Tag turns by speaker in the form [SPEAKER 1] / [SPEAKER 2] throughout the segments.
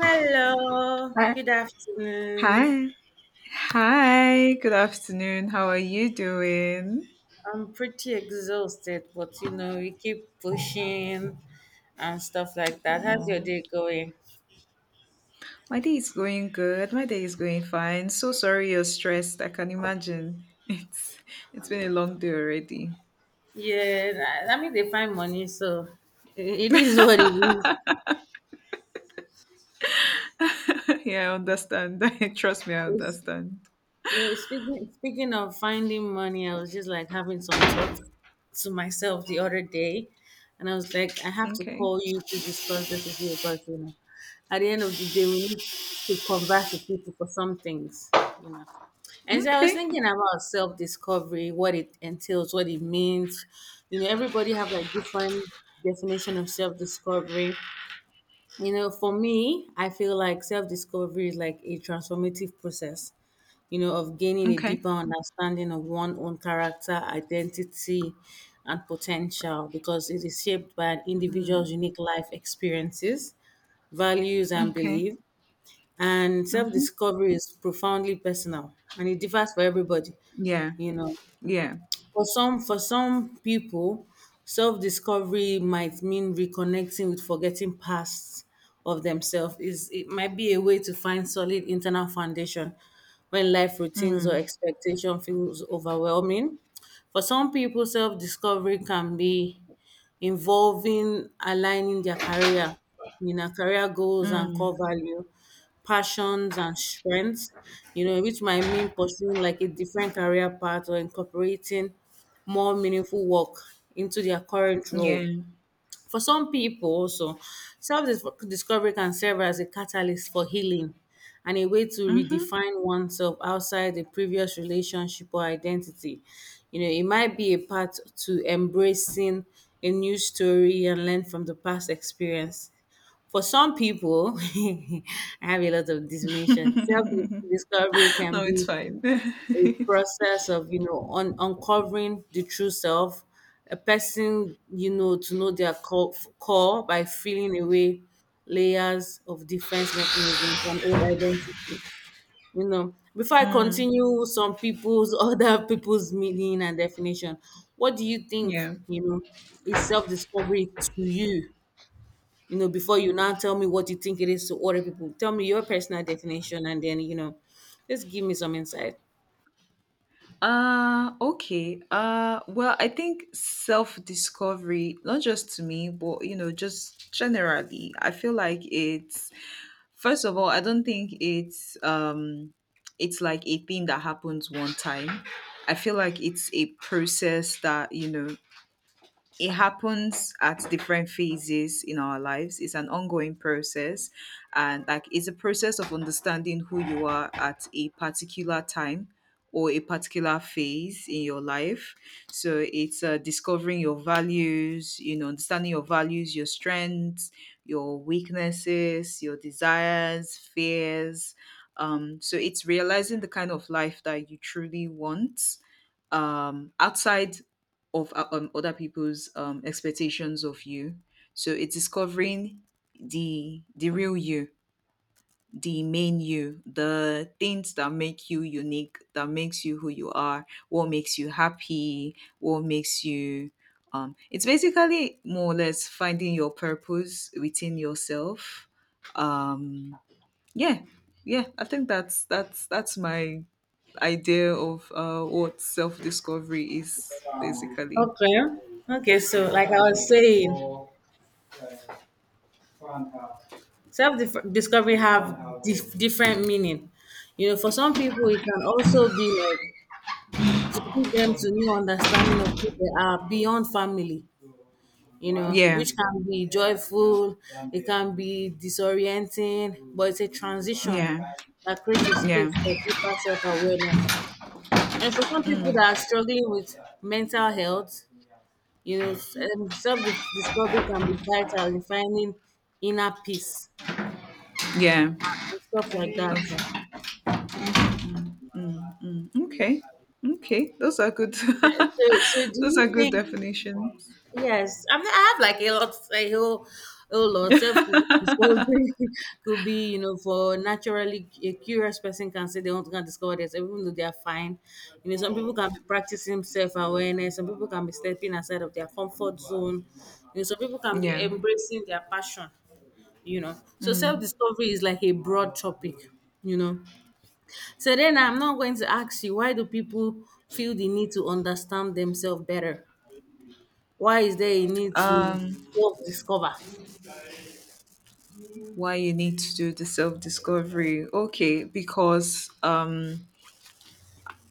[SPEAKER 1] Hello,
[SPEAKER 2] Hi.
[SPEAKER 1] good afternoon.
[SPEAKER 2] Hi. Hi. Good afternoon. How are you doing?
[SPEAKER 1] I'm pretty exhausted, but you know, we keep pushing and stuff like that. How's your
[SPEAKER 2] Oh,
[SPEAKER 1] day going?
[SPEAKER 2] my day is going good. My day is going fine. So sorry you're stressed. I can imagine. It's it's been a long day already.
[SPEAKER 1] Yeah, I mean, they find money, so it is what it
[SPEAKER 2] yeah, I understand. Trust me, I
[SPEAKER 1] is.
[SPEAKER 2] understand.
[SPEAKER 1] Yeah, speaking of finding money, I was just like having some thoughts to myself the other day, and I was like, I have to
[SPEAKER 2] Okay.
[SPEAKER 1] call you to discuss this with you because you know, at the end of the day, we need to converse with people for some things, you know. And so I was
[SPEAKER 2] Okay.
[SPEAKER 1] thinking about self discovery, what it entails, what it means. You know, everybody have like different definition of self discovery. You know, for me, I feel like self discovery is like a transformative process you know, of gaining a
[SPEAKER 2] Okay.
[SPEAKER 1] deeper understanding of one's own character, identity, and potential because it is shaped by an individual's
[SPEAKER 2] Mm.
[SPEAKER 1] unique life experiences, values, and
[SPEAKER 2] Okay.
[SPEAKER 1] beliefs. And self
[SPEAKER 2] Mm-hmm.
[SPEAKER 1] discovery is profoundly personal and it differs for everybody,
[SPEAKER 2] Yeah.
[SPEAKER 1] you know.
[SPEAKER 2] Yeah.
[SPEAKER 1] For some people, self-discovery might mean reconnecting with forgetting past of themselves. Is it might be a way to find solid internal foundation when life routines or
[SPEAKER 2] Mm.
[SPEAKER 1] expectation feels overwhelming. For some people, self-discovery can be involving aligning their career, you know, career goals and core
[SPEAKER 2] Mm.
[SPEAKER 1] value, passions and strengths, you know, which might mean pursuing like a different career path or incorporating more meaningful work into their current
[SPEAKER 2] Yeah.
[SPEAKER 1] role. For some people also, self-discovery can serve as a catalyst for healing and a way to
[SPEAKER 2] Mm-hmm.
[SPEAKER 1] redefine oneself outside the previous relationship or identity. You know, it might be a path to embracing a new story and learn from the past experience. For some people, I have a lot of discrimination. Self discovery can
[SPEAKER 2] No, it's
[SPEAKER 1] be
[SPEAKER 2] fine.
[SPEAKER 1] a process of you know uncovering the true self a person you know to know their core, core by feeling away layers of defense mechanisms and old identity you know before I
[SPEAKER 2] Mm.
[SPEAKER 1] continue some people's other people's meaning and definition what do you think
[SPEAKER 2] Yeah.
[SPEAKER 1] you know is self-discovery to you you know before you now tell me what you think it is to other people tell me your personal definition and then you know just give me some insight.
[SPEAKER 2] Okay. Well, I think self-discovery, not just to me, but you know, just generally, I feel like it's first of all, I don't think it's like a thing that happens one time. I feel like it's a process that, you know, it happens at different phases in our lives. It's an ongoing process. And like it's a process of understanding who you are at a particular time or a particular phase in your life. So it's discovering your values, you know, understanding your values, your strengths, your weaknesses, your desires, fears. So it's realizing the kind of life that you truly want outside of other people's expectations of you. So it's discovering the real you, the main you, the things that make you unique, that makes you who you are, what makes you happy, what makes you. It's basically more or less finding your purpose within yourself. Um, yeah yeah, I think that's my idea of what self-discovery is basically.
[SPEAKER 1] Okay. Okay. So, like I was saying, self discovery have different meaning. You know, for some people, it can also be like to lead them to new understanding of who they are beyond family. You know,
[SPEAKER 2] Yeah
[SPEAKER 1] which can be joyful, it can be disorienting, but it's a transition
[SPEAKER 2] yeah,
[SPEAKER 1] that creates a space for
[SPEAKER 2] yeah,
[SPEAKER 1] deeper self awareness. And for some people that are struggling with mental health, you know, self discovery can be vital in finding inner peace
[SPEAKER 2] yeah.
[SPEAKER 1] and stuff like that.
[SPEAKER 2] Okay, okay. Okay, those are good.
[SPEAKER 1] So do
[SPEAKER 2] Those
[SPEAKER 1] you
[SPEAKER 2] are good
[SPEAKER 1] think?
[SPEAKER 2] definitions.
[SPEAKER 1] Yes, I mean, I have like a lot, a whole lot. Self discovery could be, you know, for naturally a curious person can say they want to discover this, even though they are fine. You know, some people can be practicing self awareness, some people can be stepping outside of their comfort zone, you know, some people can be
[SPEAKER 2] Yeah.
[SPEAKER 1] embracing their passion, you know. So, self
[SPEAKER 2] Mm.
[SPEAKER 1] discovery is like a broad topic, you know. So, then I'm not going to ask you, why do people feel the need to understand themselves better? Why is there a need to
[SPEAKER 2] um
[SPEAKER 1] self-discover?
[SPEAKER 2] why you need to do the self-discovery? Okay, because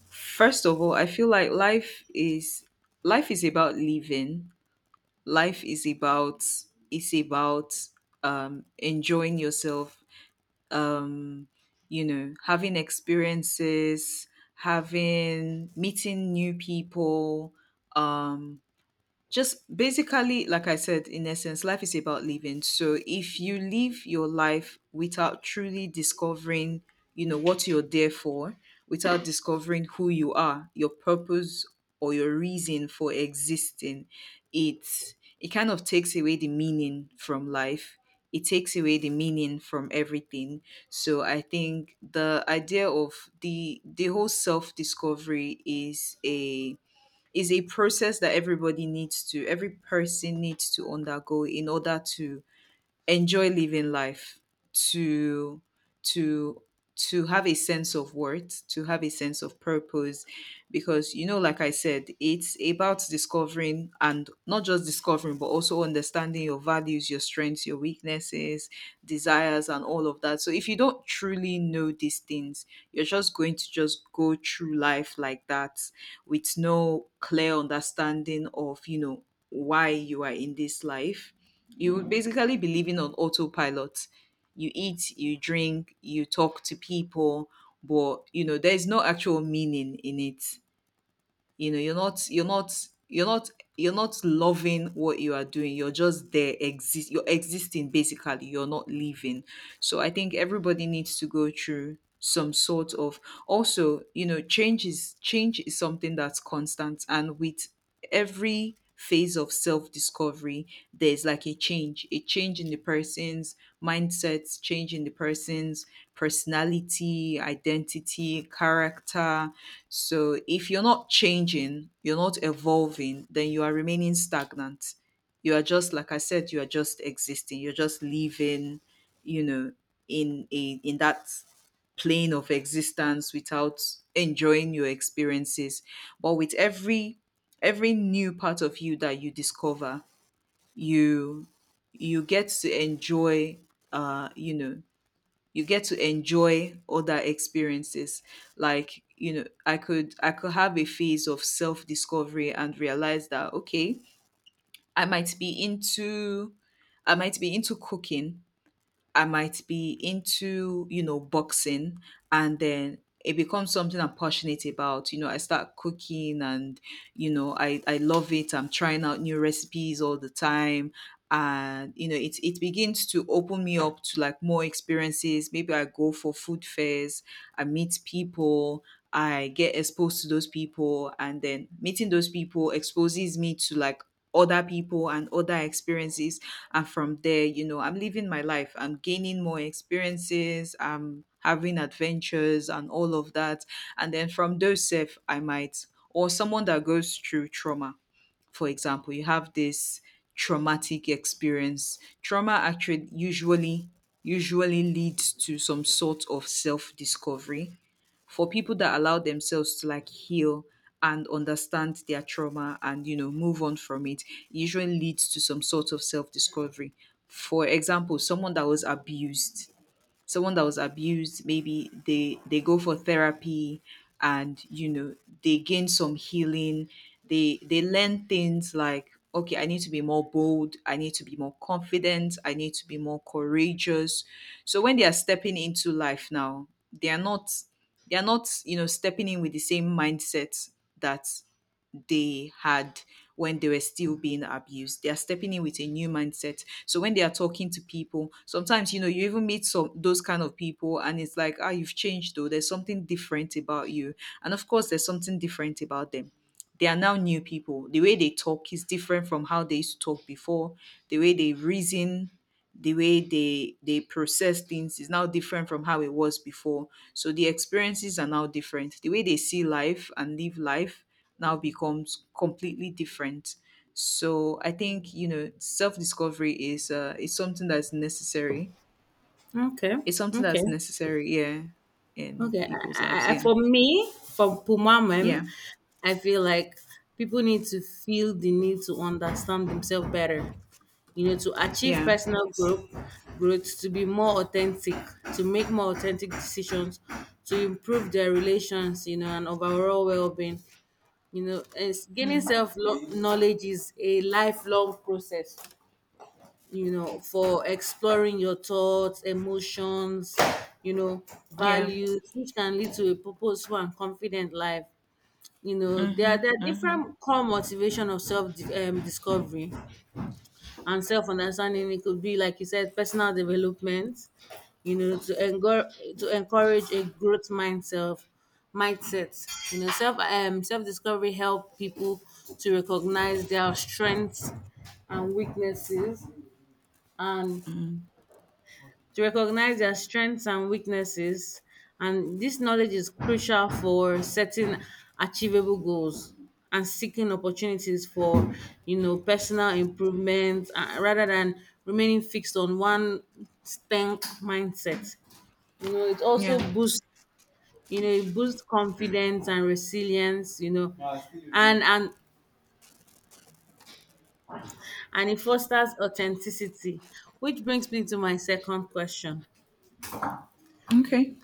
[SPEAKER 2] first of all, I feel like life is about living. Life is about enjoying yourself, um you know, having experiences, having meeting new people, um just basically, like I said, in essence life is about living. So if you live your life without truly discovering, you know, what you're there for, without discovering who you are, your purpose or your reason for existing, it it kind of takes away the meaning from life. It takes away the meaning from everything. So I think the idea of the whole self discovery is a, is a process that everybody needs to, every person needs to undergo in order to enjoy living life, to to to have a sense of worth, to have a sense of purpose. Because, you know, like I said, it's about discovering, and not just discovering but also understanding your values, your strengths, your weaknesses, desires, and all of that. So if you don't truly know these things, you're just going to just go through life like that, with no clear understanding of, you know, why you are in this life. You would basically be living on autopilot. You eat, you drink, you talk to people, but you know there's no actual meaning in it. You know, you're not loving what you are doing. You're just there, exist. You're existing basically. You're not living. So I think everybody needs to go through some sort of, also you know, change is something that's constant, and with every phase of self discovery there's like a change, a change in the person's mindsets, change in the person's personality, identity, character. So if you're not changing, you're not evolving, then you are remaining stagnant. You are just, like I said, you are just existing, you're just living, you know, in a, in that plane of existence without enjoying your experiences. But with every new part of you that you discover, you you get to enjoy, you know, you get to enjoy other experiences. Like, you know, I could have a phase of self discovery and realize that, okay, i might be into I might be into cooking. I might be into, you know, boxing, and then it becomes something I'm passionate about. You know, I start cooking and, you know, I love it. I'm trying out new recipes all the time, and you know it begins to open me up to like more experiences. Maybe I go for food fairs, I meet people, I get exposed to those people, and then meeting those people exposes me to like other people and other experiences. And from there, you know, I'm living my life, I'm gaining more experiences, I'm having adventures and all of that. And then from those self, I might, or someone that goes through trauma, for example, you have this traumatic experience. Trauma actually usually leads to some sort of self-discovery for people that allow themselves to like heal and understand their trauma and you know move on from it. It usually leads to some sort of self-discovery. For example, someone that was abused, someone that was abused, maybe they go for therapy, and you know, they gain some healing. They learn things like, okay, I need to be more bold, I need to be more confident, I need to be more courageous. So when they are stepping into life now, they are not they are not you know stepping in with the same mindset that they had when they were still being abused. They are stepping in with a new mindset. So when they are talking to people, sometimes you know you even meet some those kind of people, and it's like, ah, you've changed though. There's something different about you, and of course, there's something different about them. They are now new people. The way they talk is different from how they used to talk before. The way they reason, the way they process things is now different from how it was before. So the experiences are now different. The way they see life and live life now becomes completely different. So I think you know self discovery is something that's necessary.
[SPEAKER 1] Okay,
[SPEAKER 2] It's something
[SPEAKER 1] okay,
[SPEAKER 2] that's necessary, yeah, in
[SPEAKER 1] okay.
[SPEAKER 2] people's lives. Yeah,
[SPEAKER 1] For me, for
[SPEAKER 2] yeah,
[SPEAKER 1] Pumamem, I feel like people need to feel the need to understand themselves better. You know, to achieve
[SPEAKER 2] yeah,
[SPEAKER 1] personal growth, growth, to be more authentic, to make more authentic decisions, to improve their relations, you know, and overall well-being. You know, it's, gaining
[SPEAKER 2] mm,
[SPEAKER 1] self-knowledge is a lifelong process, you know, for exploring your thoughts, emotions, you know,
[SPEAKER 2] yeah,
[SPEAKER 1] values, which can lead to a purposeful and confident life. You know, there
[SPEAKER 2] mm-hmm,
[SPEAKER 1] are, there are
[SPEAKER 2] mm-hmm,
[SPEAKER 1] different core motivation of self discovery and self understanding. It could be, like you said, personal development, you know, to, to encourage a growth mindset, mindset. You know, self discovery help people to recognize their strengths and weaknesses, and
[SPEAKER 2] mm-hmm,
[SPEAKER 1] to recognize their strengths and weaknesses. And this knowledge is crucial for setting achievable goals and seeking opportunities for, you know, personal improvement rather than remaining fixed on one stank mindset. You know, it also
[SPEAKER 2] yeah.
[SPEAKER 1] boosts, you know, it boosts confidence and resilience, you know, and and it fosters authenticity, which brings me to my second question.
[SPEAKER 2] Okay.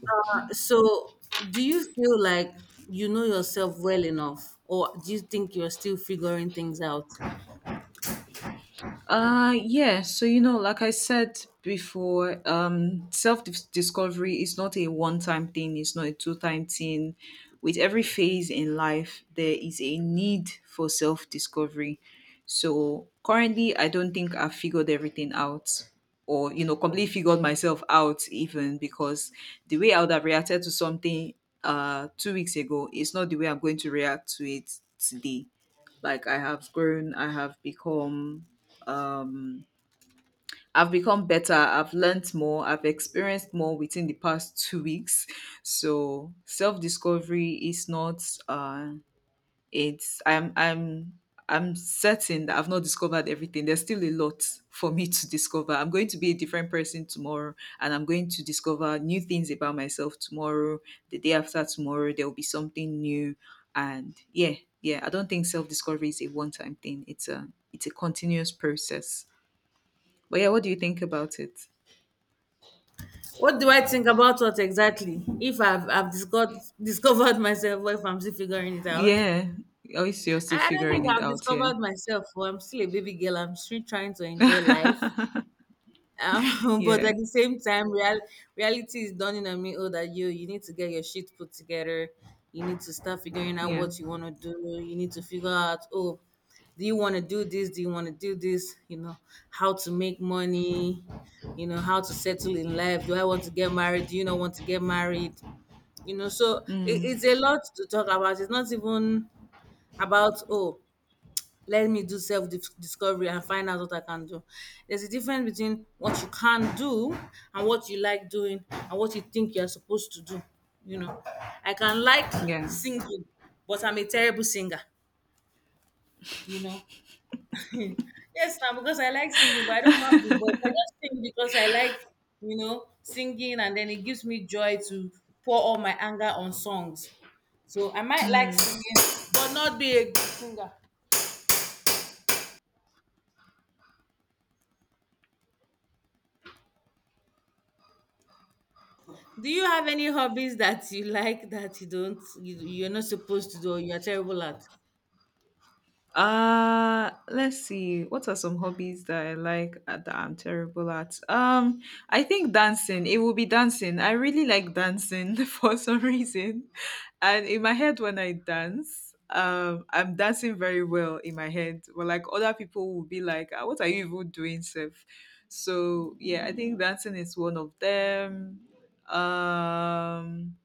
[SPEAKER 1] So, do you feel like you know yourself well enough, or do you think you're still figuring things out?
[SPEAKER 2] Yeah. So, you know, like I said before, discovery is not a one time thing, it's not a two time thing. With every phase in life, there is a need for self discovery. So, currently, I don't think I've figured everything out or, you know, completely figured myself out, even because the way I would have reacted to something 2 weeks ago is not the way I'm going to react to it today. Like, I have grown, I have become um I've become better, I've learned more, I've experienced more within the past 2 weeks. So self-discovery is not it's I'm certain that I've not discovered everything. There's still a lot for me to discover. I'm going to be a different person tomorrow, and I'm going to discover new things about myself tomorrow. The day after tomorrow there will be something new. And yeah, yeah, I don't think self-discovery is a one-time thing. It's a, it's a continuous process. But yeah, what do you think about it?
[SPEAKER 1] What do I think about what exactly? If I've discovered discovered myself, or if I'm still figuring it out,
[SPEAKER 2] Yeah. Oh, it's- you're still
[SPEAKER 1] I don't
[SPEAKER 2] figuring
[SPEAKER 1] think
[SPEAKER 2] it
[SPEAKER 1] I've
[SPEAKER 2] out, yeah.
[SPEAKER 1] discovered myself. Well, I'm still a baby girl. I'm still trying to enjoy life. But
[SPEAKER 2] Yeah.
[SPEAKER 1] at the same time, reality is dawning on me. Oh, that you need to get your shit put together. You need to start figuring out
[SPEAKER 2] Yeah.
[SPEAKER 1] what you want to do. You need to figure out. Oh, do you want to do this? Do you want to do this? You know how to make money. You know how to settle in life. Do I want to get married? Do you not want to get married? You know, so it,
[SPEAKER 2] Mm.
[SPEAKER 1] it's a lot to talk about. It's not even about oh let me do self discovery and find out what I can do. There's a difference between what you can do and what you like doing and what you think you're supposed to do. You know, I can like
[SPEAKER 2] Yeah.
[SPEAKER 1] singing, but I'm a terrible singer, you know. yes, now because I like singing, but I don't have the voice. I just sing because I like, you know, singing and then it gives me joy to pour all my anger on songs. So I might like
[SPEAKER 2] Mm.
[SPEAKER 1] singing, but not be a good singer. Do you have any hobbies that you like that you don't you, you're not supposed to do or you're terrible at?
[SPEAKER 2] Let's see. What are some hobbies that I like that I'm terrible at? I think dancing. It will be dancing. I really like dancing for some reason. And in my head when I dance, I'm dancing very well in my head. But like other people will be like, "Ah, what are you even doing, Seth? So yeah, I think dancing is one of them. Um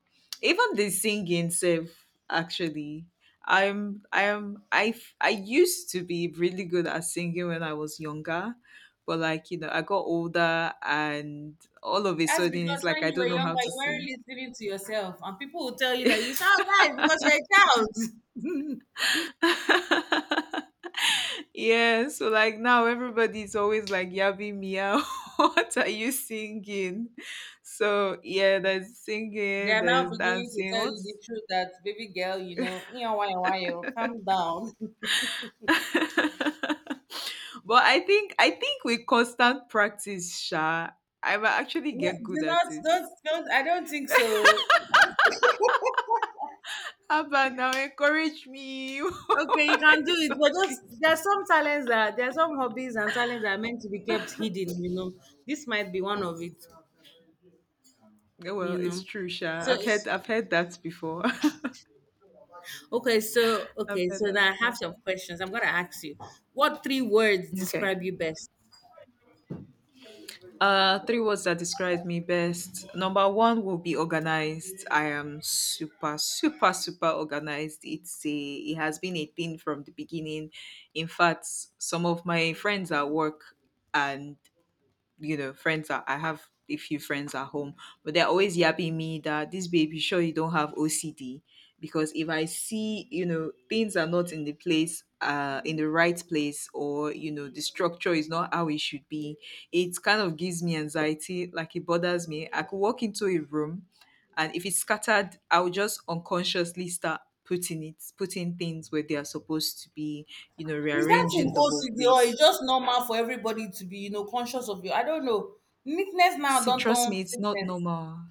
[SPEAKER 2] Even the singing self, actually, I used to be really good at singing when I was younger, but like you know, I got older and all of a
[SPEAKER 1] That's
[SPEAKER 2] sudden it's
[SPEAKER 1] because
[SPEAKER 2] like
[SPEAKER 1] when
[SPEAKER 2] I
[SPEAKER 1] you were
[SPEAKER 2] don't know how
[SPEAKER 1] younger,
[SPEAKER 2] to
[SPEAKER 1] you weren't
[SPEAKER 2] sing.
[SPEAKER 1] listening to yourself, and people will tell you that you sound nice because you're a child.
[SPEAKER 2] Yeah, so like now everybody's always like Yabi Mia, what are you singing? So yeah, there's
[SPEAKER 1] They
[SPEAKER 2] singing,
[SPEAKER 1] are now
[SPEAKER 2] there's
[SPEAKER 1] beginning to
[SPEAKER 2] dancing.
[SPEAKER 1] tell you the
[SPEAKER 2] What's
[SPEAKER 1] truth that baby girl, you know why you calm down.
[SPEAKER 2] but I think with constant practice, Sha, I will actually
[SPEAKER 1] No,
[SPEAKER 2] get
[SPEAKER 1] do
[SPEAKER 2] good
[SPEAKER 1] not
[SPEAKER 2] at it.
[SPEAKER 1] don't don't I don't think so.
[SPEAKER 2] Abba, now encourage me.
[SPEAKER 1] Okay, you
[SPEAKER 2] Why
[SPEAKER 1] can do
[SPEAKER 2] is
[SPEAKER 1] it,
[SPEAKER 2] not
[SPEAKER 1] but
[SPEAKER 2] this?
[SPEAKER 1] just there are some talents that there are some hobbies and talents that are meant to be kept hidden. You know, this might be one of it.
[SPEAKER 2] Oh, well,
[SPEAKER 1] You
[SPEAKER 2] it's
[SPEAKER 1] know,
[SPEAKER 2] true, Sha.
[SPEAKER 1] so it's,
[SPEAKER 2] I've heard that before.
[SPEAKER 1] okay, so
[SPEAKER 2] I've
[SPEAKER 1] okay,
[SPEAKER 2] heard
[SPEAKER 1] so
[SPEAKER 2] that
[SPEAKER 1] now I
[SPEAKER 2] before.
[SPEAKER 1] have some questions. I'm gonna ask you, what three words
[SPEAKER 2] Okay.
[SPEAKER 1] describe you best?
[SPEAKER 2] Three words that describe me best. Number one will be organized. I am super, super, super organized. It has been a thing from the beginning. In fact, some of my friends at work and you know, friends are I have a few friends at home, but they're always yapping me that this baby sure you don't have OCD, because if I see, you know, things are not in the place in the right place, or you know the structure is not how it should be, it kind of gives me anxiety, like it bothers me. I could walk into a room, and if it's scattered, I'll just unconsciously start putting things where they are supposed to be, you know,
[SPEAKER 1] Is that in
[SPEAKER 2] rearranging the whole
[SPEAKER 1] OCD or
[SPEAKER 2] place.
[SPEAKER 1] it's just normal for everybody to be you know conscious of you? I don't know. Neatness now
[SPEAKER 2] See,
[SPEAKER 1] don't
[SPEAKER 2] trust
[SPEAKER 1] turn
[SPEAKER 2] me, it's not
[SPEAKER 1] sickness.
[SPEAKER 2] normal.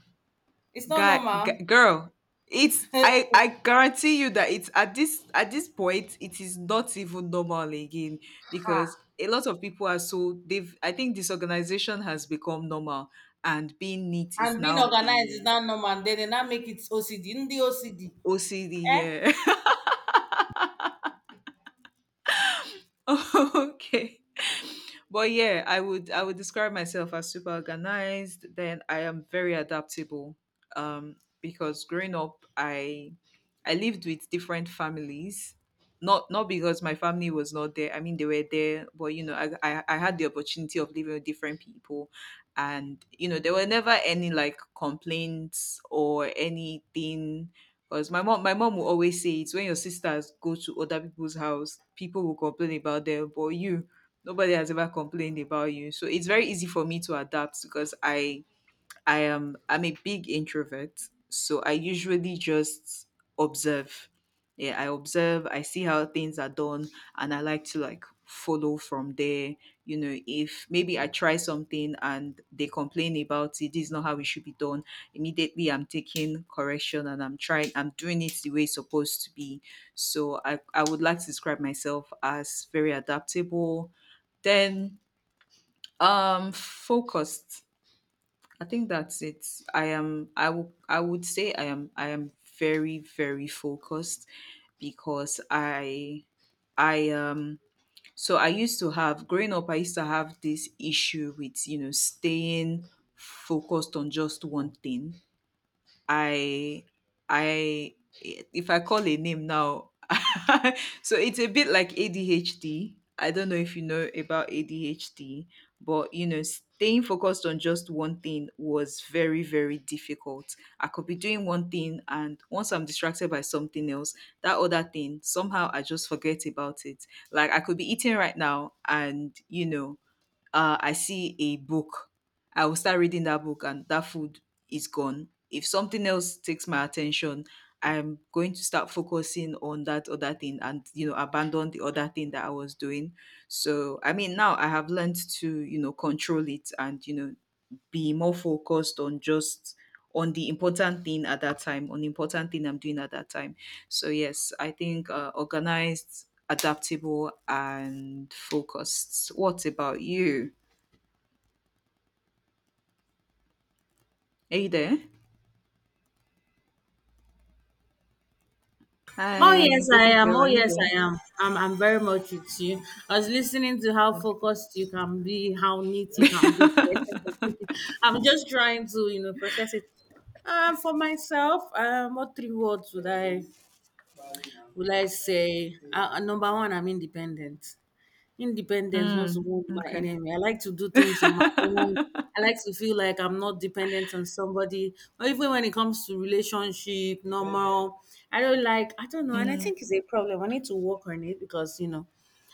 [SPEAKER 1] It's not
[SPEAKER 2] Guy,
[SPEAKER 1] normal.
[SPEAKER 2] girl, it's I guarantee you that it's at this point it is not even normal again, because
[SPEAKER 1] Ah,
[SPEAKER 2] a lot of people are so they've, I think, disorganization has become normal and being neat is
[SPEAKER 1] and being
[SPEAKER 2] now
[SPEAKER 1] organized is
[SPEAKER 2] a
[SPEAKER 1] not normal. Then they now make it OCD. In the OCD.
[SPEAKER 2] OCD,
[SPEAKER 1] Eh?
[SPEAKER 2] yeah. Okay, but yeah, I would describe myself as super organized. Then I am very adaptable, because growing up I lived with different families. Not because my family was not there, I mean they were there, but you know I had the opportunity of living with different people. And you know, there were never any like complaints or anything, because my mom will always say it's when your sisters go to other people's house people will complain about them, but you, nobody has ever complained about you. So it's very easy for me to adapt, because I'm a big introvert, so I usually just observe. Yeah, I observe, I see how things are done and I like to like follow from there. You know, if maybe I try something and they complain about it, this is not how it should be done. Immediately I'm taking correction and I'm doing it the way it's supposed to be. So I would like to describe myself as very adaptable. Then focused. I think that's it. I would say I am very, very focused, because I so I used to have, growing up I used to have this issue with you know staying focused on just one thing. I I if I call a name now, so it's a bit like ADHD. I don't know if you know about ADHD, but you know, staying focused on just one thing was very, very difficult. I could be doing one thing, and once I'm distracted by something else, that other thing, somehow I just forget about it. Like I could be eating right now, and you know, I see a book, I will start reading that book and that food is gone. If something else takes my attention, I'm going to start focusing on that other thing and you know abandon the other thing that I was doing. So I mean now I have learned to you know control it and you know be more focused on just on the important thing at that time, on the important thing I'm doing at that time. So yes, I think organized, adaptable, and focused. What about you? Are you there?
[SPEAKER 1] Oh
[SPEAKER 2] Hi,
[SPEAKER 1] yes, I
[SPEAKER 2] baby
[SPEAKER 1] am.
[SPEAKER 2] girl,
[SPEAKER 1] Oh
[SPEAKER 2] are you
[SPEAKER 1] yes,
[SPEAKER 2] there?
[SPEAKER 1] I am. I'm very much with you. I was listening to how
[SPEAKER 2] Okay.
[SPEAKER 1] focused you can be, how neat you can be. I'm just trying to, you know, process it. For myself, what three words would I say? Number one, I'm independent. Independence wants to
[SPEAKER 2] Mm,
[SPEAKER 1] move my
[SPEAKER 2] okay.
[SPEAKER 1] enemy. I like to do things on my own. I like to feel like I'm not dependent on somebody. Or even when it comes to relationship, normal, I don't like, I don't know. And I
[SPEAKER 2] Mm,
[SPEAKER 1] think it's a problem. I need to work on it because, you know,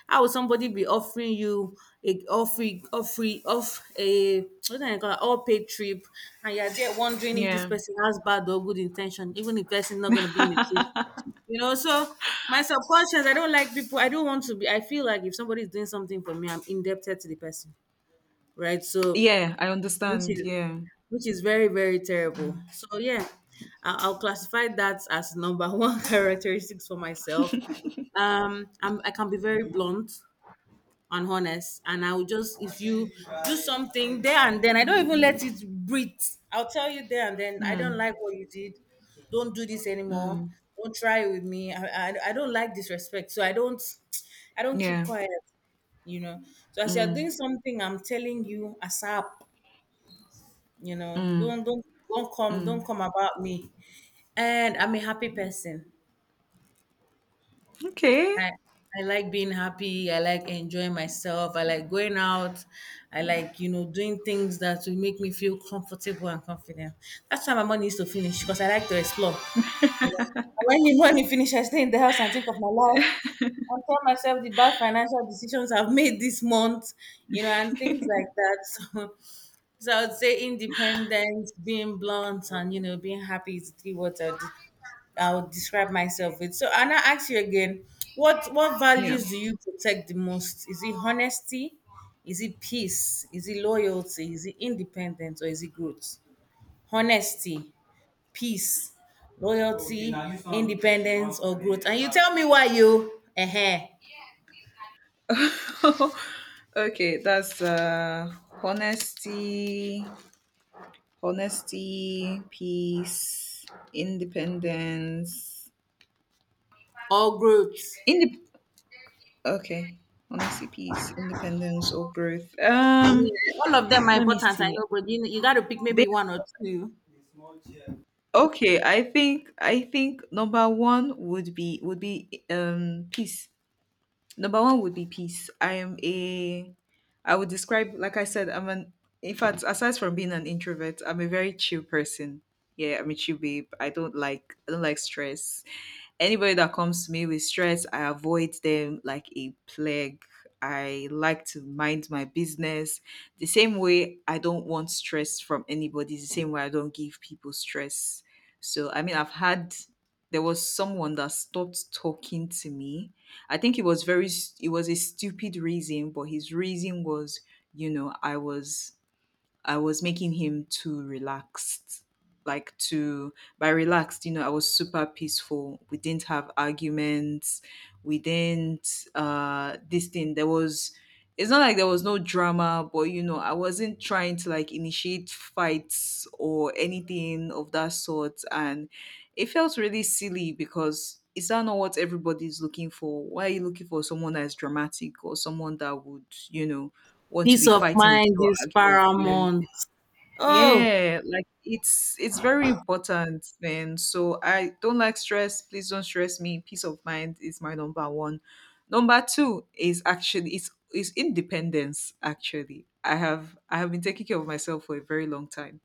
[SPEAKER 1] how will somebody be offering you a offering offering off a what do I call it, all paid trip and you're there wondering if this
[SPEAKER 2] yeah.
[SPEAKER 1] person has bad or good intention, even if person not gonna be in the trip. You know, so my subconscious, I don't like people. I don't want to be. I feel like if somebody is doing something for me, I'm indebted to the person, right? So,
[SPEAKER 2] Yeah, I
[SPEAKER 1] which
[SPEAKER 2] understand.
[SPEAKER 1] is
[SPEAKER 2] Yeah.
[SPEAKER 1] which is very very terrible.
[SPEAKER 2] Mm,
[SPEAKER 1] So yeah, I'll classify that as number one characteristics for myself. I'm, I can be very blunt and honest and I will just if you do something there and then I don't even let it breathe I'll tell you there and then I don't like
[SPEAKER 2] mm,
[SPEAKER 1] what you did, don't do this anymore,
[SPEAKER 2] mm,
[SPEAKER 1] don't try it with me I don't like disrespect so i don't keep
[SPEAKER 2] yeah.
[SPEAKER 1] quiet, you know, so as you're
[SPEAKER 2] Mm,
[SPEAKER 1] doing something I'm telling you asap, you know,
[SPEAKER 2] mm, mm.
[SPEAKER 1] don't come about me and I'm a happy person.
[SPEAKER 2] Okay.
[SPEAKER 1] I I like being happy. I like enjoying myself. I like going out. I like you know doing things that will make me feel comfortable and confident. That's why my money is to finish because I like to explore. You know. And when the money finish, I stay in the house and think of my life and tell myself the bad financial decisions I've made this month. You know, and things like that. So I would say independence, being blunt, and you know, being happy is the three words I would describe myself with. So Anna, ask you again, what
[SPEAKER 2] Yeah.
[SPEAKER 1] values do you protect the most? Is it honesty? Is it peace? Is it loyalty? Is it independence or is it growth? Honesty, peace, loyalty, independence, or growth. And you tell me why you
[SPEAKER 2] Okay, that's honesty, honesty, peace, independence.
[SPEAKER 1] or growth.
[SPEAKER 2] Indep- okay. Honesty, peace, independence or growth.
[SPEAKER 1] I mean, all of them are
[SPEAKER 2] Let me
[SPEAKER 1] important, I
[SPEAKER 2] see.
[SPEAKER 1] know, but you gotta pick maybe one or two.
[SPEAKER 2] Okay, I think number one would be peace. Number one would be peace. I would describe, like I said, in fact, aside from being an introvert, I'm a very chill person. Yeah, I'm a chill babe. I don't like stress. Anybody that comes to me with stress, I avoid them like a plague. I like to mind my business. The same way I don't want stress from anybody, is the same way I don't give people stress. So, I mean, there was someone that stopped talking to me. I think it was it was a stupid reason, but his reason was, you know, I was making him too relaxed. Like to by relaxed, you know, I was super peaceful. We didn't have arguments. We didn't this thing. There was, it's not like there was no drama, but you know, I wasn't trying to like initiate fights or anything of that sort. And it felt really silly because is that not what everybody's looking for? Why are you looking for someone that is dramatic or someone that would, you know, want to
[SPEAKER 1] Peace
[SPEAKER 2] be
[SPEAKER 1] of
[SPEAKER 2] fighting with
[SPEAKER 1] mind
[SPEAKER 2] you or
[SPEAKER 1] is
[SPEAKER 2] arguing with you?
[SPEAKER 1] paramount. Oh,
[SPEAKER 2] Yeah, like it's very important. Then so I don't like stress, please don't stress me. Peace of mind is my number one. Number two is actually, it's is independence. Actually, I have been taking care of myself for a very long time,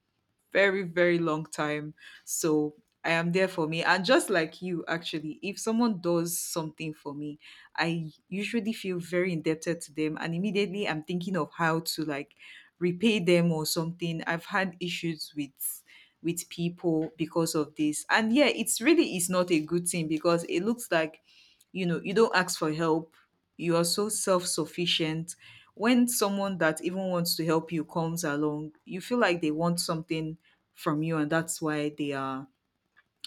[SPEAKER 2] very, very long time. So I am there for me. And just like you, actually, if someone does something for me, I usually feel very indebted to them. And immediately I'm thinking of how to like repay them or something. I've had issues with people because of this. And yeah, it's really is not a good thing because it looks like, you know, you don't ask for help. You are so self-sufficient when someone that even wants to help you comes along, you feel like they want something from you, and that's why they are,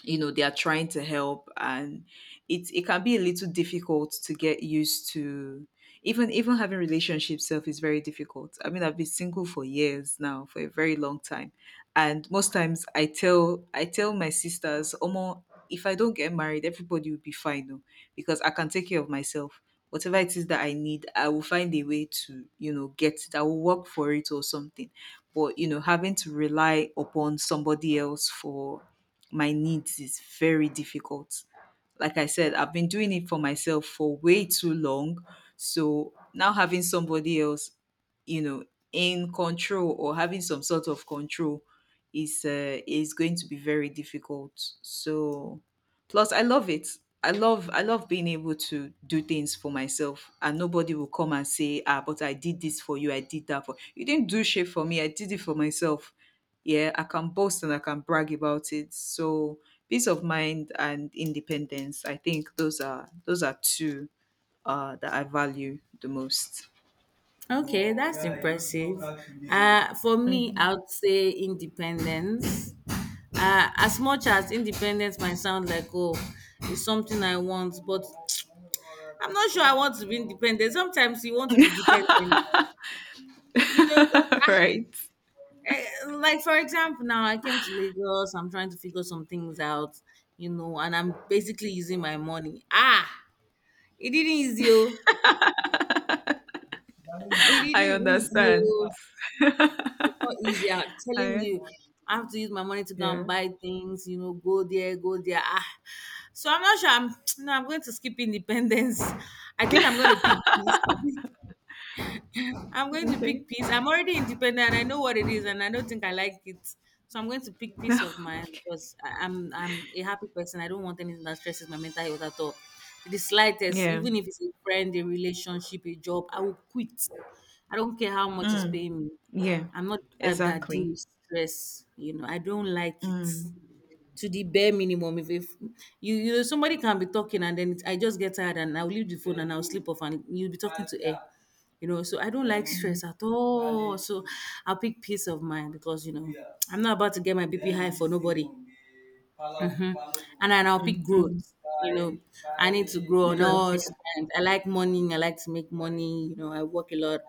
[SPEAKER 2] you know, they are trying to help. And it can be a little difficult to get used to. Even, even having relationship self is very difficult. I mean, I've been single for years now, for a very long time. And most times I tell my sisters, omo, if I don't get married everybody will be fine, oh, because I can take care of myself. Whatever it is that I need, I will find a way to you know get it. I will work for it or something. But you know, having to rely upon somebody else for my needs is very difficult. Like I said, I've been doing it for myself for way too long. So now having somebody else, you know, in control or having some sort of control is going to be very difficult. So plus, I love it. I love being able to do things for myself, and nobody will come and say, ah, but I did this for you, I did that for you. Didn't do shit for me, I did it for myself. Yeah, I can boast and I can brag about it. So peace of mind and independence, I think those are two that I value the most.
[SPEAKER 1] okay, that's impressive. For me, I would say independence. As much as independence might sound like, oh, it's something I want, but I'm not sure I want to be independent. Sometimes you want to be dependent. You know, like
[SPEAKER 2] Right.
[SPEAKER 1] like, for example, now I came to Lagos, I'm trying to figure some things out, you know, and I'm basically using my money. Ah, it didn't easy. Oh. It
[SPEAKER 2] I
[SPEAKER 1] isn't easy.
[SPEAKER 2] understand.
[SPEAKER 1] Oh. It's not easy. I'm telling
[SPEAKER 2] I
[SPEAKER 1] you, I have to use my money to go
[SPEAKER 2] yeah.
[SPEAKER 1] and buy things. You know, go there, go there. Ah. So I'm not sure. I'm no. I'm going to skip independence. I think I'm going to pick this. I'm going to
[SPEAKER 2] Okay.
[SPEAKER 1] pick peace. I'm already independent. I know what it is, and I don't think I like it. So I'm going to pick peace of mind because I'm a happy person. I don't want anything that stresses my mental health at all. The slightest,
[SPEAKER 2] Yeah.
[SPEAKER 1] even if it's a friend, a relationship, a job, I will quit. I don't care how much it's
[SPEAKER 2] Mm.
[SPEAKER 1] paying me.
[SPEAKER 2] Yeah.
[SPEAKER 1] I'm not the type that deals
[SPEAKER 2] Exactly.
[SPEAKER 1] with stress. You know, I don't like it
[SPEAKER 2] Mm.
[SPEAKER 1] to the bare minimum. If you you know somebody can be talking and then it, I just get tired and I'll leave the phone and I'll sleep off and you'll be talking to air. You know, so I don't like
[SPEAKER 2] Mm.
[SPEAKER 1] stress at all. So I'll pick peace of mind because you know I'm not about to get my BP high for nobody. Mm-hmm. And then I'll pick
[SPEAKER 2] Mm,
[SPEAKER 1] growth. You know, I need to grow on
[SPEAKER 2] good
[SPEAKER 1] all
[SPEAKER 2] for
[SPEAKER 1] and I like money. I like to make money. You know, I work a lot,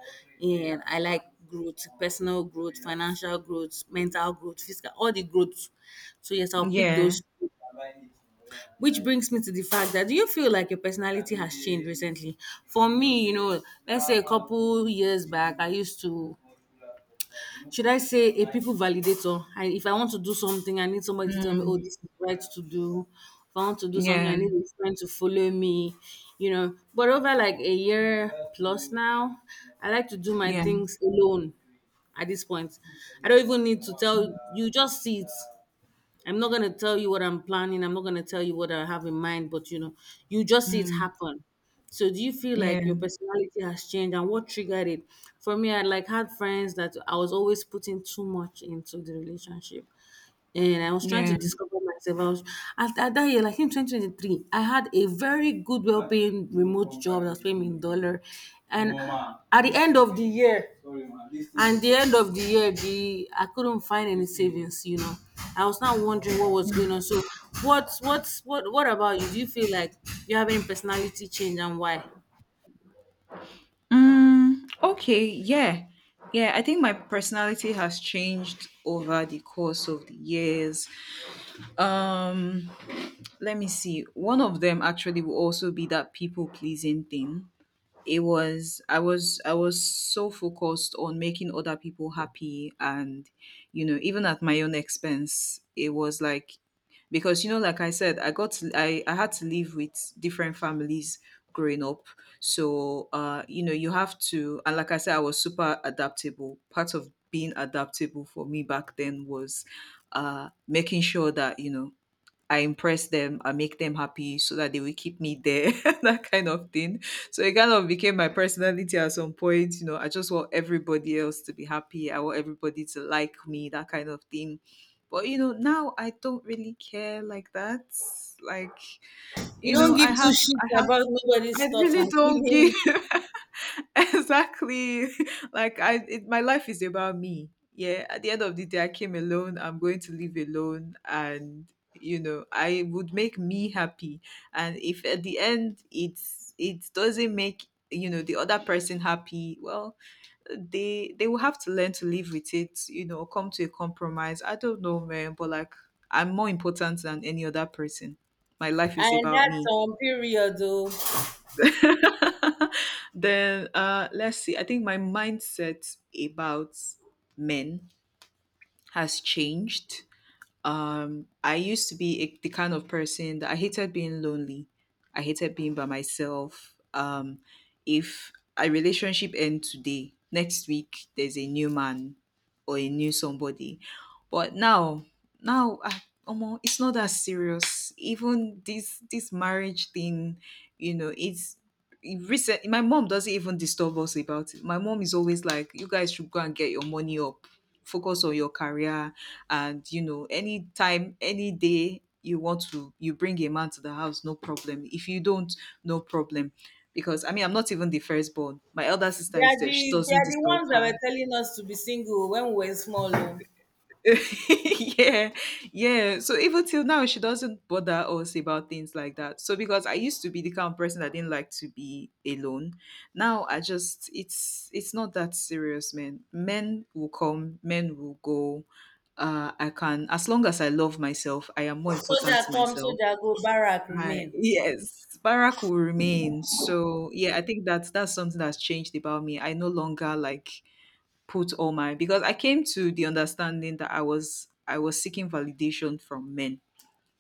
[SPEAKER 1] and I like growth, personal growth, financial growth, mental growth, physical, all the growth. So yes, I'll pick
[SPEAKER 2] Yeah.
[SPEAKER 1] those two. Which brings me to the fact that do you feel like your personality has changed recently? For me, you know, let's say a couple years back, I used to, should I say, a people validator. And if I want to do something, I need somebody to tell me, oh,
[SPEAKER 2] Mm,
[SPEAKER 1] this is right to do. If I want to do something,
[SPEAKER 2] yeah.
[SPEAKER 1] I need a friend to follow me, you know. But over like a year plus now, I like to do my
[SPEAKER 2] Yeah.
[SPEAKER 1] things alone at this point. I don't even need to tell you, just see it. I'm not gonna tell you what I'm planning. I'm not gonna tell you what I have in mind, but you know, you just see it
[SPEAKER 2] Mm,
[SPEAKER 1] happen. So do you feel like
[SPEAKER 2] yeah.
[SPEAKER 1] your personality has changed and what triggered it? For me, I like had friends that I was always putting too much into the relationship and I was trying
[SPEAKER 2] Yeah.
[SPEAKER 1] to discover myself. I was, at that year, like in 2023, I had a very good, well paying remote job that was paying me in dollar. And at the end of the year, and the end of the year, the I couldn't find any savings. You know, I was now wondering what was going on. So, what about you? Do you feel like you have any personality change and why?
[SPEAKER 2] Mm, okay. Yeah. Yeah. I think my personality has changed over the course of the years. Um, let me see. One of them actually will also be that people pleasing thing. It was, I was so focused on making other people happy and you know even at my own expense. It was like, because you know like I said, I had to live with different families growing up. So uh, you know, you have to. And like I said, I was super adaptable. Part of being adaptable for me back then was, uh, making sure that you know I impress them, I make them happy, so that they will keep me there, that kind of thing. So it kind of became my personality at some point. You know, I just want everybody else to be happy. I want everybody to like me, that kind of thing. But you know, now I don't really care like that. Like,
[SPEAKER 1] You
[SPEAKER 2] you
[SPEAKER 1] don't
[SPEAKER 2] know,
[SPEAKER 1] give two shits
[SPEAKER 2] I have,
[SPEAKER 1] about nobody's
[SPEAKER 2] I
[SPEAKER 1] thoughts
[SPEAKER 2] really
[SPEAKER 1] and
[SPEAKER 2] don't give.
[SPEAKER 1] feelings,
[SPEAKER 2] Exactly. Like my life is about me. Yeah, at the end of the day I came alone, I'm going to live alone, and you know I would make me happy. And if at the end it doesn't make you know the other person happy, well, they will have to learn to live with it. You know, come to a compromise, I don't know, man. But like, I'm more important than any other person. My life is
[SPEAKER 1] and
[SPEAKER 2] about
[SPEAKER 1] that's
[SPEAKER 2] me.
[SPEAKER 1] on period, though.
[SPEAKER 2] Then let's see. I think my mindset about men has changed. I used to be a, the kind of person that I hated being lonely. I hated being by myself. If a relationship ends today, next week there's a new man or a new somebody. But now, ah, omo, it's not that serious. Even this marriage thing, you know, it recent. My mom doesn't even disturb us about it. My mom is always like, "You guys should go and get your money up. Focus on your career, and you know anytime any day you want to you bring a man to the house, no problem. If you don't, no problem." Because I mean, I'm not even the firstborn. My elder sister
[SPEAKER 1] They are
[SPEAKER 2] is there, she
[SPEAKER 1] the they
[SPEAKER 2] doesn't
[SPEAKER 1] are the
[SPEAKER 2] disturb
[SPEAKER 1] ones that
[SPEAKER 2] her.
[SPEAKER 1] were telling us to be single when we were small. Oh.
[SPEAKER 2] Yeah, yeah. So even till now, she doesn't bother us about things like that. So because I used to be the kind of person that didn't like to be alone, now I just it's not that serious, man. Men will come, men will go. I can as long as I love myself, I am more important
[SPEAKER 1] Soldier
[SPEAKER 2] to
[SPEAKER 1] come,
[SPEAKER 2] myself.
[SPEAKER 1] soldier go, barrack
[SPEAKER 2] I
[SPEAKER 1] remain.
[SPEAKER 2] yes, Barack will remain. So yeah, I think that that's something that's changed about me. I no longer like put all my because I came to the understanding that I was seeking validation from men.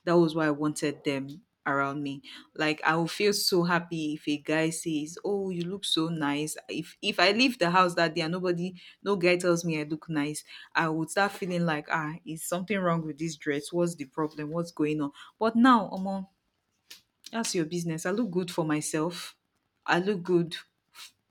[SPEAKER 2] That was why I wanted them around me. Like I will feel so happy if a guy says, "Oh, you look so nice." If I leave the house that day and nobody, no guy tells me I look nice, I would start feeling like, ah, is something wrong with this dress? What's the problem? What's going on? But now, Omo, that's your business. I look good for myself. I look good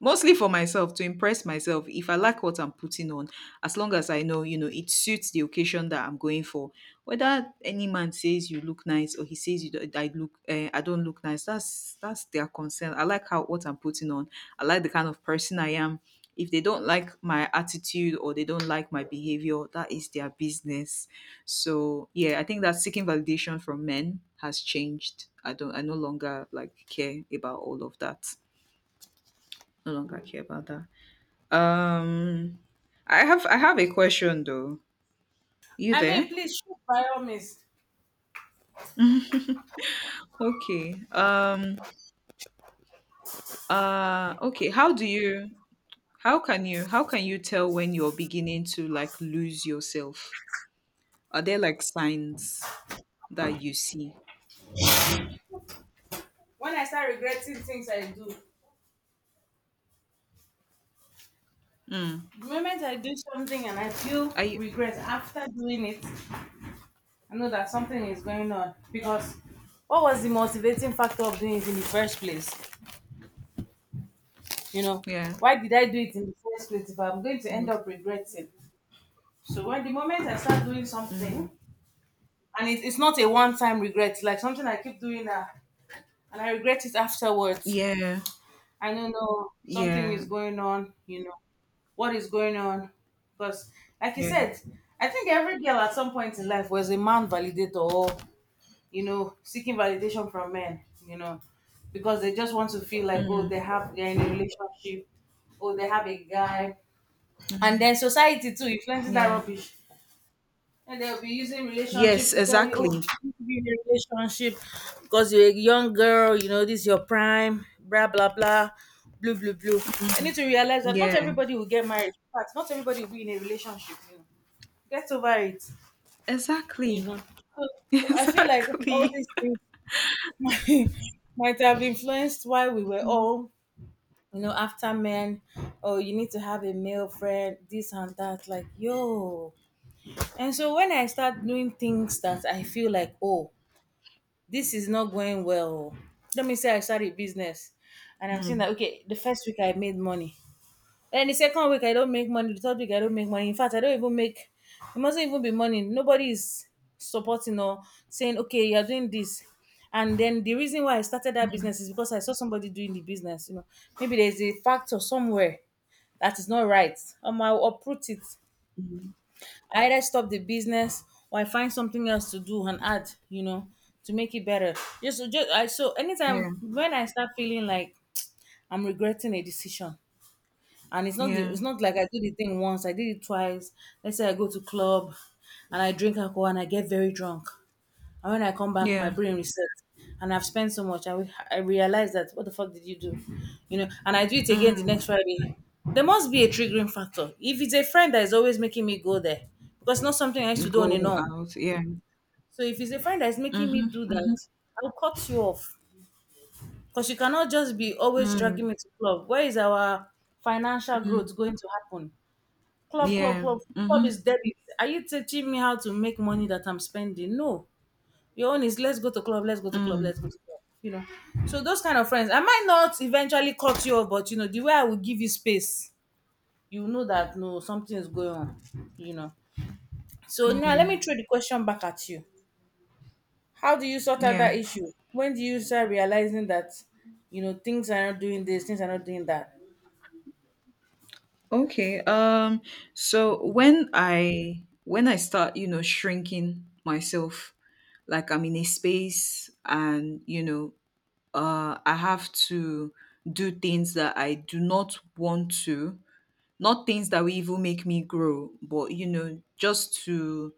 [SPEAKER 2] mostly for myself to impress myself if I like what I'm putting on, as long as I know, you know, it suits the occasion that I'm going for. Whether any man says you look nice or he says you don't, I look I don't look nice, that's their concern. I like how what I'm putting on. I like the kind of person I am. If they don't like my attitude or they don't like my behavior, that is their business. So yeah, I think that seeking validation from men has changed. I don't, I no longer like care about all of that, no longer care about that. um, I have a question though. You
[SPEAKER 1] I
[SPEAKER 2] there?
[SPEAKER 1] mean, please shoot by all means.
[SPEAKER 2] Okay. Okay. How do you? How can you? How can you tell when you're beginning to like lose yourself? Are there like signs that you see?
[SPEAKER 1] When I start regretting things I do,
[SPEAKER 2] Mm.
[SPEAKER 1] the moment I do something and I feel
[SPEAKER 2] Are you?
[SPEAKER 1] regret after doing it, I know that something is going on because what was the motivating factor of doing it in the first place? You know,
[SPEAKER 2] Yeah.
[SPEAKER 1] why did I do it in the first place if I'm going to end
[SPEAKER 2] Mm.
[SPEAKER 1] up regretting? So when the moment I start doing
[SPEAKER 2] Mm.
[SPEAKER 1] something and it's not a one-time regret, it's like something I keep doing now and I regret it afterwards.
[SPEAKER 2] Yeah.
[SPEAKER 1] I don't know, something is
[SPEAKER 2] Yeah.
[SPEAKER 1] going on, you know, what is going on because like you
[SPEAKER 2] Yeah.
[SPEAKER 1] said, I think every girl at some point in life was a man validator or you know seeking validation from men, you know, because they just want to feel like oh
[SPEAKER 2] Mm.
[SPEAKER 1] they have, they're in a relationship, oh they have a guy, and
[SPEAKER 2] Mm.
[SPEAKER 1] then society too influences that
[SPEAKER 2] Yeah.
[SPEAKER 1] rubbish. And they'll be using
[SPEAKER 2] Yes.
[SPEAKER 1] relationship to tell you, oh,
[SPEAKER 2] Exactly.
[SPEAKER 1] you should be in a relationship because you're a young girl, you know, this is your prime, blah, blah, blah, blue, blue, blue. I need to realize that not
[SPEAKER 2] Yeah.
[SPEAKER 1] everybody will get married. In fact, not everybody will be in a relationship. You know. Get over it, you
[SPEAKER 2] Exactly.
[SPEAKER 1] know. So, I feel like all
[SPEAKER 2] Exactly.
[SPEAKER 1] these things might, might have influenced why we were
[SPEAKER 2] Mm.
[SPEAKER 1] all, you know, after men. Oh, you need to have a male friend, this and that. Like, yo, and so when I start doing things that I feel like, oh, this is not going well. Let me say I start a business and I'm saying that
[SPEAKER 2] Mm.
[SPEAKER 1] okay, the first week I made money. And the second week I don't make money, the third week I don't make money. In fact, I don't even make, it mustn't even be money. Nobody is supporting or saying, okay, you're doing this. And then the reason why I started that business is because I saw somebody doing the business. You know, maybe there's a factor somewhere that is not right. I'll uproot it.
[SPEAKER 2] Mm.
[SPEAKER 1] I either stop the business or I find something else to do and add, you know, to make it better. Just I so anytime
[SPEAKER 2] Yeah.
[SPEAKER 1] when I start feeling like I'm regretting a decision, and it's not the,
[SPEAKER 2] Yeah,
[SPEAKER 1] it's not like I did the thing once, I did it twice. Let's say I go to club and I drink alcohol and I get very drunk. And when I come back, my
[SPEAKER 2] yeah.
[SPEAKER 1] brain resets, and I've spent so much. I realize that what the fuck did you do, you know? And I do it again the
[SPEAKER 2] Mm.
[SPEAKER 1] next Friday. There must be a triggering factor. If it's a friend that is always making me go there, because it's not something I used to do on a
[SPEAKER 2] Go
[SPEAKER 1] norm.
[SPEAKER 2] out. Yeah.
[SPEAKER 1] So if it's a friend that is making me
[SPEAKER 2] Mm-hmm.
[SPEAKER 1] do that,
[SPEAKER 2] Mm-hmm.
[SPEAKER 1] I'll cut you off because you cannot just be always
[SPEAKER 2] Mm.
[SPEAKER 1] dragging me to club. Where is our financial
[SPEAKER 2] Mm.
[SPEAKER 1] growth going to happen? Club, club,
[SPEAKER 2] Yeah.
[SPEAKER 1] club, club
[SPEAKER 2] Mm-hmm.
[SPEAKER 1] is debit. Are you teaching me how to make money that I'm spending? No. Your own is let's go to club, let's go to club,
[SPEAKER 2] Mm.
[SPEAKER 1] let's go to club. You know. So those kind of friends, I might not eventually cut you off, but you know, the way I will give you space, you know that no, something is going on. You know. So now let me
[SPEAKER 2] Mm.
[SPEAKER 1] throw the question back at you. How do you sort out
[SPEAKER 2] Yeah.
[SPEAKER 1] that issue? When do you start realizing that you know things are not doing this, things are not doing that?
[SPEAKER 2] Okay. So when I start, you know, shrinking myself, like I'm in a space, and you know, I have to do things that I do not want to, not things that will even make me grow, but you know, just to,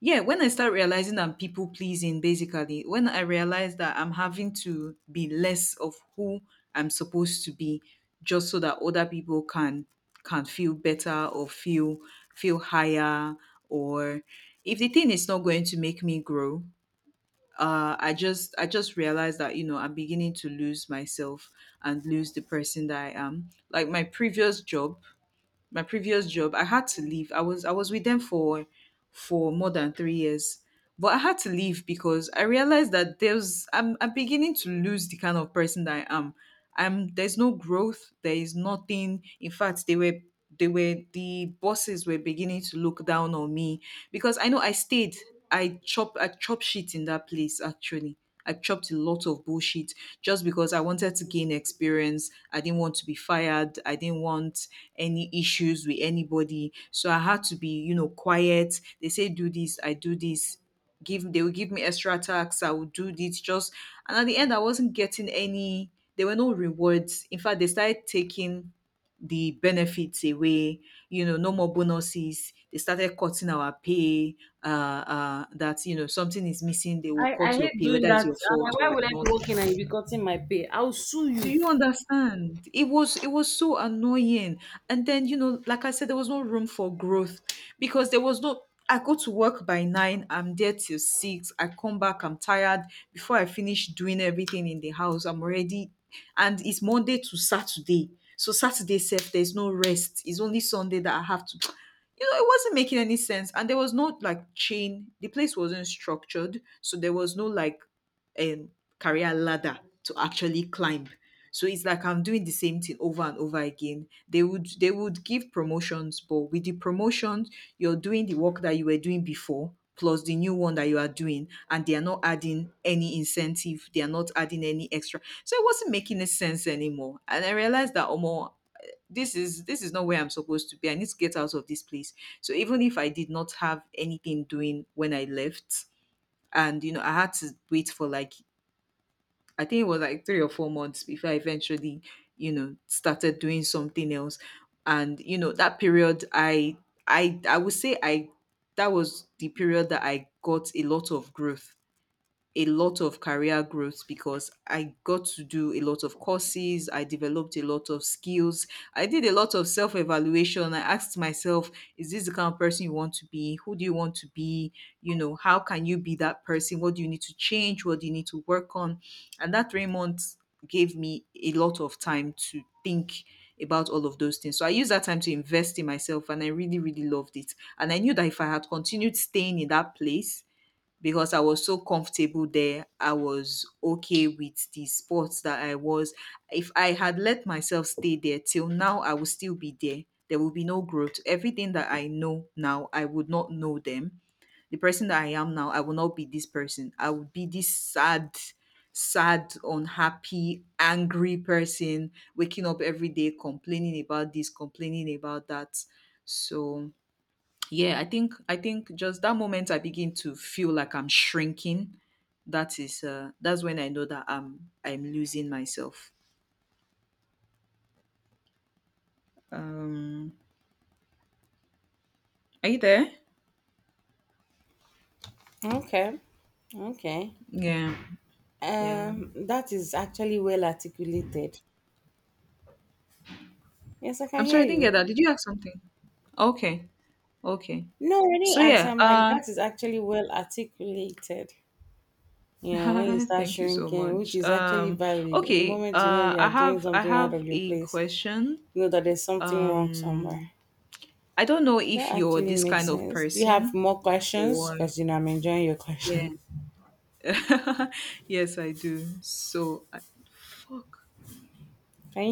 [SPEAKER 2] yeah, when I start realizing I'm people pleasing, basically, when I realize that I'm having to be less of who I'm supposed to be, just so that other people can feel better or feel feel higher or if the thing is not going to make me grow, I just realized that, you know, I'm beginning to lose myself and lose the person that I am. Like my previous job, my previous job, I had to leave. I was with them for more than 3 years, but I had to leave because I realized that I'm beginning to lose the kind of person that I am. I'm There's no growth, there is nothing. In fact, the bosses were beginning to look down on me because I know I stayed. I chop shit in that place actually. I chopped a lot of bullshit just because I wanted to gain experience. I didn't want to be fired. I didn't want any issues with anybody. So I had to be, you know, quiet. They say do this, I do this. Give They would give me extra tax. I would do this just, and at the end I wasn't getting any, there were no rewards. In fact, they started taking the benefits away. You know, no more bonuses. They started cutting our pay. That, you know, something is missing, they will
[SPEAKER 1] I
[SPEAKER 2] cut your
[SPEAKER 1] hate
[SPEAKER 2] pay,
[SPEAKER 1] doing
[SPEAKER 2] whether it's
[SPEAKER 1] that.
[SPEAKER 2] your
[SPEAKER 1] I'm
[SPEAKER 2] fault
[SPEAKER 1] like,
[SPEAKER 2] or
[SPEAKER 1] why
[SPEAKER 2] it's
[SPEAKER 1] would I
[SPEAKER 2] not.
[SPEAKER 1] be working and you be cutting my pay? I'll sue
[SPEAKER 2] Do
[SPEAKER 1] you.
[SPEAKER 2] you understand? It was so annoying. And then, you know, like I said, there was no room for growth because there was no. I go to work by nine, I'm there till six, I come back, I'm tired. Before I finish doing everything in the house, I'm already, and it's Monday to Saturday. So Saturday self, there's no rest. It's only Sunday that I have to, you know, it wasn't making any sense. And there was no like chain. The place wasn't structured. So there was no like um, career ladder to actually climb. So it's like I'm doing the same thing over and over again. They would give promotions, but with the promotions, you're doing the work that you were doing before plus the new one that you are doing, and they are not adding any incentive. They are not adding any extra. So it wasn't making any sense anymore. And I realized that Omo, this is not where I'm supposed to be. I need to get out of this place. So even if I did not have anything doing when I left, and you know, I had to wait for like, I think it was like 3 or 4 months before I eventually, you know, started doing something else. And you know, that period, I would say that was the period that I got a lot of growth, a lot of career growth, because I got to do a lot of courses, I developed a lot of skills, I did a lot of self evaluation. I asked myself, is this the kind of person you want to be? Who do you want to be? You know, how can you be that person? What do you need to change? What do you need to work on? And that 3 months gave me a lot of time to think about all of those things. So I used that time to invest in myself and I really, really loved it. And I knew that if I had continued staying in that place, because I was so comfortable there. I was okay with the sports that I was. If I had let myself stay there till now, I would still be there. There will be no growth. Everything that I know now, I would not know them. The person that I am now, I will not be this person. I would be this sad, sad, unhappy, angry person, waking up every day complaining about this, complaining about that. So yeah, I think just that moment I begin to feel like I'm shrinking, that is that's when I know that I'm losing myself. um are you there?
[SPEAKER 1] Okay. Okay.
[SPEAKER 2] Yeah. Yeah,
[SPEAKER 1] That is actually well articulated. Yes, I can
[SPEAKER 2] I'm sorry, I
[SPEAKER 1] hear
[SPEAKER 2] didn't get
[SPEAKER 1] you.
[SPEAKER 2] that. Did you ask something? Okay. Okay.
[SPEAKER 1] No, when he
[SPEAKER 2] So
[SPEAKER 1] accent,
[SPEAKER 2] yeah,
[SPEAKER 1] I'm like, that is actually well articulated. Yeah, when you start
[SPEAKER 2] thank you so
[SPEAKER 1] shrinking, which
[SPEAKER 2] much.
[SPEAKER 1] is actually valid. The
[SPEAKER 2] Okay,
[SPEAKER 1] moment you know you
[SPEAKER 2] I
[SPEAKER 1] are doing
[SPEAKER 2] have i
[SPEAKER 1] something out
[SPEAKER 2] have
[SPEAKER 1] of your
[SPEAKER 2] a
[SPEAKER 1] place,
[SPEAKER 2] question.
[SPEAKER 1] you know that there's something wrong somewhere.
[SPEAKER 2] um I don't know
[SPEAKER 1] So
[SPEAKER 2] if
[SPEAKER 1] that
[SPEAKER 2] you're
[SPEAKER 1] actually
[SPEAKER 2] this
[SPEAKER 1] makes
[SPEAKER 2] kind of
[SPEAKER 1] sense. Do you have
[SPEAKER 2] person
[SPEAKER 1] more questions?
[SPEAKER 2] or,
[SPEAKER 1] Because, you know, I'm enjoying your
[SPEAKER 2] yeah.
[SPEAKER 1] questions.
[SPEAKER 2] Yes, I do. So, I, fuck.
[SPEAKER 1] Can you